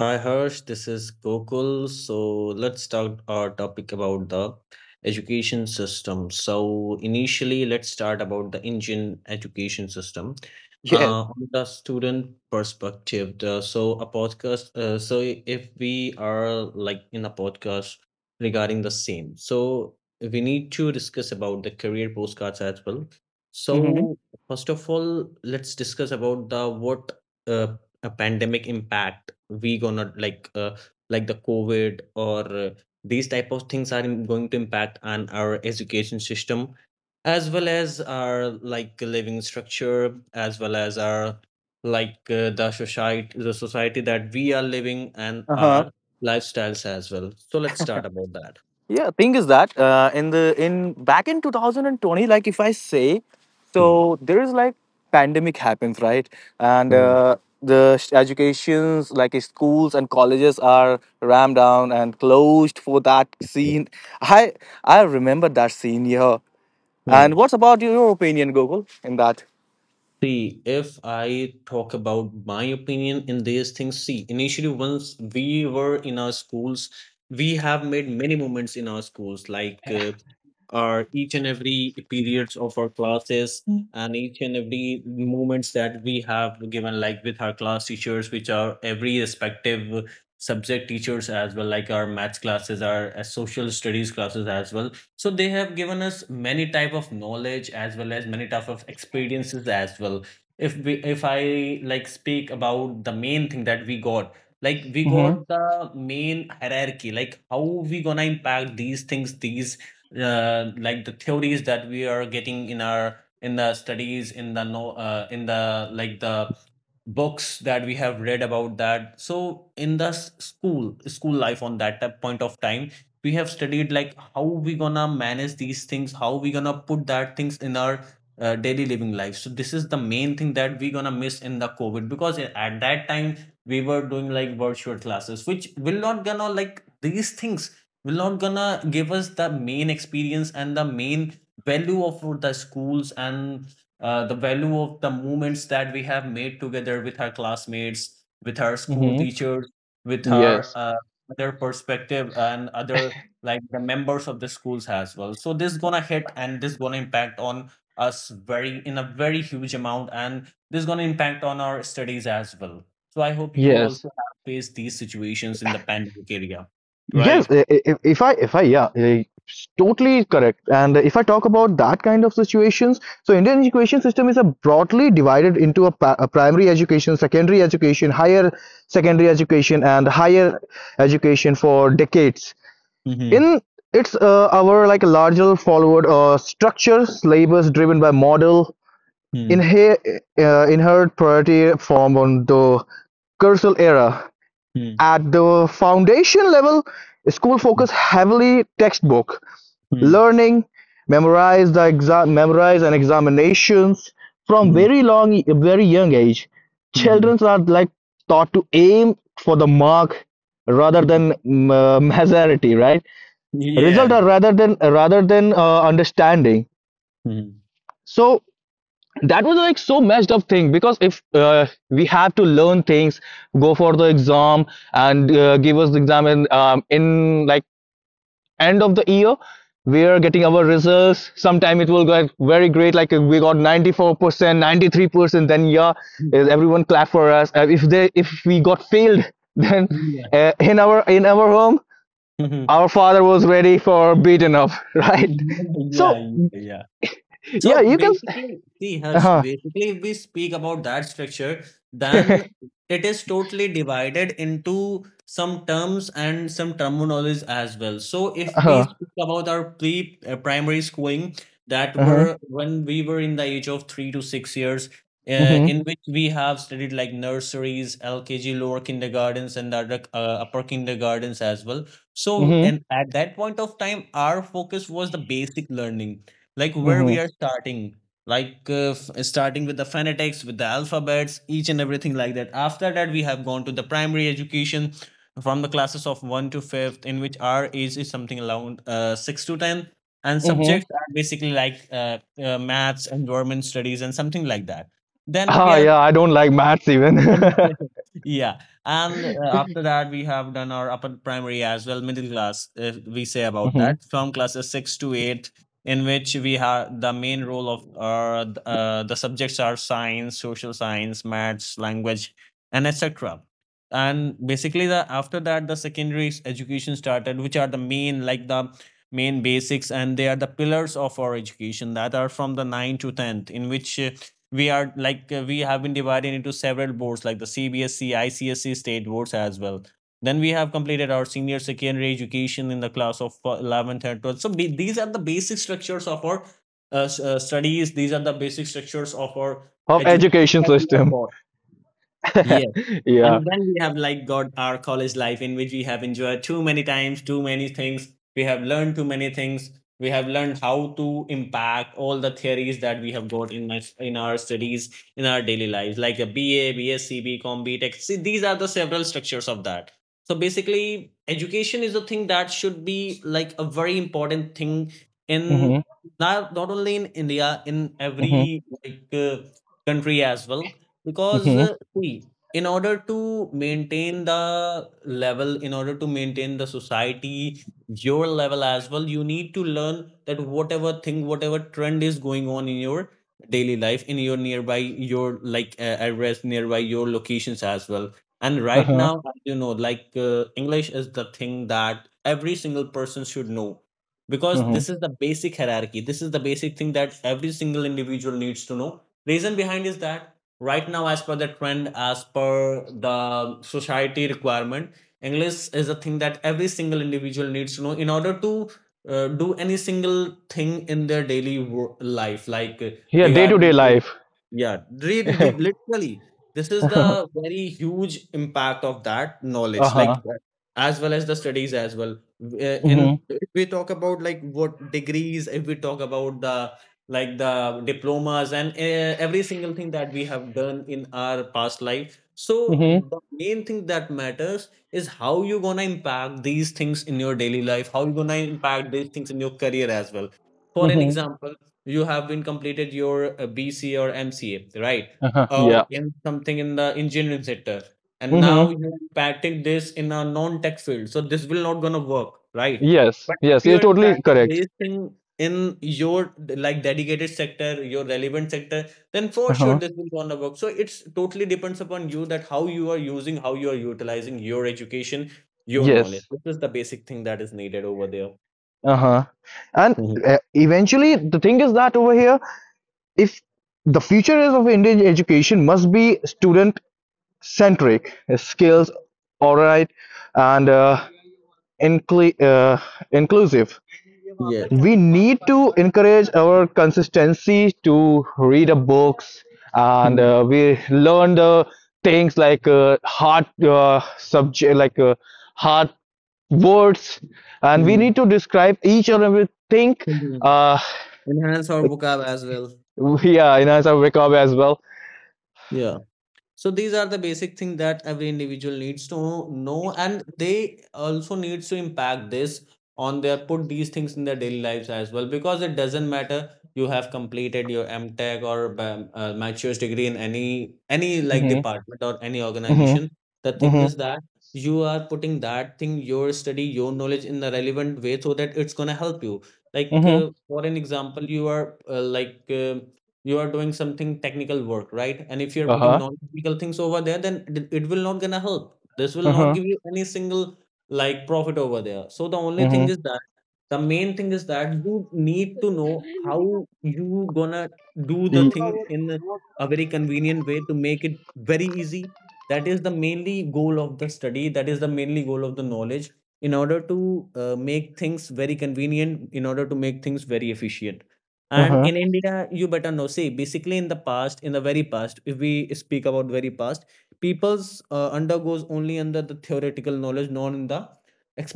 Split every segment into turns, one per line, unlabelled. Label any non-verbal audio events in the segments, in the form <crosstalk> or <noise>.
Hi Harsh, this is Gokul. So let's start our topic about the education system. So initially, let's start about the Indian education system.
Yeah.
On the student perspective, the, so a podcast. So I- if we are like in a podcast regarding the same, so we need to discuss about the career postcards as well.
Mm-hmm.
So first of all, let's discuss about the what uh, a pandemic impact we gonna like the covid or these type of things are going to impact on our education system as well as our like living structure as well as our like the society that we are living and
Uh huh.
our lifestyles as well. So let's start about that.
Yeah, thing is that in the in back in 2020, like if I say,
Hmm.
so there is like pandemic happens, right? And
Hmm.
educations like schools and colleges are rammed down and closed for that scene. I I remember that scene, yeah. And
Hmm.
what's about your opinion, Google, in that?
See, if I talk about my opinion in these things, see, initially, once we were in our schools, we have made many moments in our schools. Like, our each and every periods of our classes and each and every moments that we have given, like with our class teachers, which are every respective subject teachers as well, like our maths classes, our social studies classes as well. So they have given us many type of knowledge as well as many type of experiences as well. If we if I like speak about the main thing that we got, like, we
Mm-hmm.
got the main hierarchy, like how we gonna impact these things, these like the theories that we are getting in our in the studies in the no in the like the books that we have read about that. So in the school life, on that point of time, we have studied like how we gonna manage these things, how we gonna put that things in our daily living life. So this is the main thing that we gonna miss in the covid, because at that time we were doing like virtual classes, which will not gonna, like these things will not gonna give us the main experience and the main value of the schools and the value of the moments that we have made together with our classmates, with our school
Mm-hmm.
teachers, with our
Yes.
other perspective and other like the members of the schools as well. So this gonna hit and this gonna impact on us very in a very huge amount, and this gonna impact on our studies as well. So I hope you
Yes.
also have faced these situations in the pandemic area,
Yes.
right?
If I, yeah, totally correct. And if I talk about that kind of situations, so Indian education system is a broadly divided into a primary education, secondary education, higher secondary education, and higher education for decades.
Mhm.
In it's our like larger forward structure, syllabus driven by model
Hmm.
inhe- inherent priority form on the cursal era.
Hmm.
At the foundation level, school focus heavily textbook
Hmm.
learning, memorize the exam, memorize and examinations from
Hmm.
very long, very young age.
Mhm.
Children are like taught to aim for the mark rather than
<laughs>
<laughs> majority, right? Result
Yeah.
are rather than understanding.
Mhm.
So that was like so messed up thing because if we have to learn things go for the exam and give us the exam in like end of the year we are getting our results. Sometime it will get very great, like we got 94%, 93%, then yeah, everyone clap for us. If they if we got failed, <laughs> then
Yeah.
in our home
Mhm.
our father was ready for beaten up. <laughs> Right? So
Yeah, yeah, yeah.
yeah,
So
you can,
basically, see Harsh,
uh-huh,
basically if we speak about that structure,
<laughs>
then it is totally divided into some terms and some terminologies as well. So if we
uh-huh,
speak about our pre primary schooling, that
uh-huh,
were when we were in the age of 3 to 6 years,
mhm,
in which we have studied like nurseries, LKG, lower kindergartens, and the other, upper kindergartens as well. So
mhm.
and at that point of time, our focus was the basic learning, like where
Mm-hmm.
we are starting, like starting with the phonetics, with the alphabets, each and everything like that. After that, we have gone to the primary education from the classes of 1 to 5th, in which our age is something around 6 to 10, and
Mm-hmm.
subjects are basically like maths, environment studies, and something like that. Then we
Ah,
are
yeah, I don't like maths even.
<laughs>
<laughs>
Yeah, and after that, we have done our upper primary as well, middle class, if we say about
Mm-hmm.
that, from classes 6 to 8, in which we have the main role of the subjects are science, social science, maths, language, and etc. And basically, the after that, the secondary education started, which are the main, like the main basics, and they are the pillars of our education, that are from the nine to tenth, in which we are like we have been divided into several boards like the CBSC, ICSC state boards as well. Then we have completed our senior secondary education in the class of 11th and 12th. So these are the basic structures of our studies. These are the basic structures of our
Of
education
education
that we have
system.
got.
<laughs>
Yeah.
Yeah.
And then we have like got our college life, in which we have enjoyed too many times, too many things. We have learned too many things. We have learned how to impact all the theories that we have got in in our studies, in our daily lives, like a BA, BSc, BCom, BTech. See, these are the several structures of that. So basically, education is the thing that should be like a very important thing, in
Mm-hmm.
not, not only in India, in
Mm-hmm.
every like country as well. Because
Mm-hmm.
see, in order to maintain the level, in order to maintain the society your level as well, you need to learn that whatever thing, whatever trend is going on in your daily life, in your nearby your like address, nearby your locations as well. And right
Uh-huh.
now, as you know, like english is the thing that every single person should know, because
Mm-hmm.
this is the basic hierarchy, this is the basic thing that every single individual needs to know. Reason behind is that right now, as per the trend, as per the society requirement, english is a thing that every single individual needs to know in order to do any single thing in their daily life, like
Yeah, day-to-day
regarding to,
life.
yeah, really
<laughs>
literally this is
Uh-huh.
the very huge impact of that knowledge
Uh-huh.
like that, as well as the studies as well. In
Mm-hmm.
if we talk about like what degrees, if we talk about the like the diplomas and every single thing that we have done in our past life, so
Mm-hmm.
the main thing that matters is how you're gonna impact these things in your daily life, how you're gonna impact these things in your career as well. For an
Mm-hmm.
example, you have been completed your BCA or MCA, right?
Uh-huh.
Or
Yeah.
in something in the engineering sector and now
Mm-hmm.
you're impacting this in a non-tech field. So this will not gonna work, right?
Yes.
But if
Yes,
you
you're
are
totally
impacting
correct.
this thing in your like dedicated sector, your relevant sector, then for sure
Uh-huh.
this will go on the work. So it's totally depends upon you that how you are using, how you are utilizing your education, your knowledge.
Yes.
This is the basic thing that is needed over there.
Uh-huh. And
Mhm.
eventually, the thing is that over here, if the future is of Indian education must be student centric, skills oriented, and inclu- uh, inclusive.
Yes.
We need to encourage our consistency to read a books and
Mhm.
we learn the things like hard subject, like hard words, and we
Mhm.
need to describe each and everything.
Mhm.
Uh,
Enhance our vocab as well.
<laughs> yeah, in our vocab as well.
Yeah. So these are the basic thing that every individual needs to know, and they also needs to impact this on their, put these things in their daily lives as well. Because it doesn't matter you have completed your MTech or master's degree in any like
Mm-hmm,
department or any
mm-hmm,
organization. The thing
mm-hmm,
is that you are putting that thing, your study, your knowledge in the relevant way, so that it's going to help you. Like
mm-hmm,
for an example, you are like you are doing something technical work, right? And if you're putting
uh-huh,
non-technical things over there, then it will not gonna help. This will not
uh-huh,
give you any single like profit over there. So the only thing,
mm-hmm,
is the main thing is that you need to know how you gonna do the things in a very convenient way to make it very easy. That is the mainly goal of the study. That is the mainly goal of the knowledge, in order to make things very convenient, in order to make things very efficient. And
uh-huh.
in India, you better know. See, basically, in the past, in the very past, if we speak about very past, people's undergoes only under the theoretical knowledge, not in the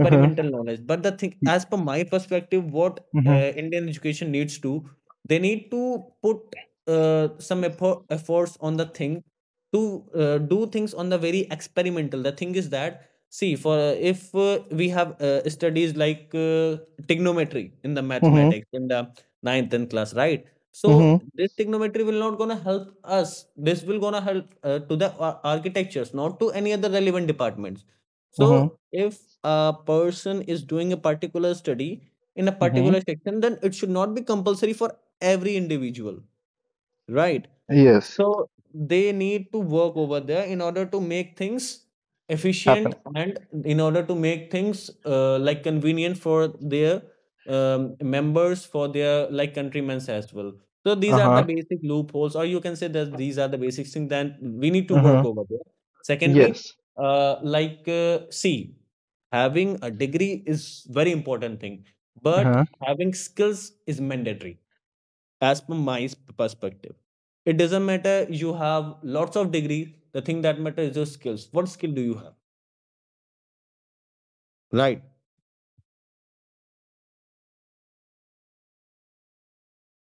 Mm-hmm.
knowledge. But the thing, as per my perspective, what
Mm-hmm.
indian education needs to, they need to put some effort, efforts on the thing to do things on the very experimental. The thing is that, see, for if we have studies like trigonometry in the
Mm-hmm.
mathematics in the ninth 10th class, right?
Mm-hmm.
So this trigonometry will not gonna help us. This will gonna help to the architectures, not to any other relevant departments. So
Mm-hmm.
if a person is doing a particular study in a
Mm-hmm.
particular section, then it should not be compulsory for every individual, right?
Yes.
So they need to work over there in order to make things efficient
Happen.
and in order to make things like convenient for their members, for their like countrymen as well. So these are the
Uh-huh.
basic loopholes, or you can say that these are the basic things that we need to work
Uh-huh.
over there. Secondary,
Yes.
like see, having a degree is very important thing, but
Uh-huh.
having skills is mandatory as per my perspective. It doesn't matter you have lots of degree. The thing that matters is your skills. What skill do you have? Right.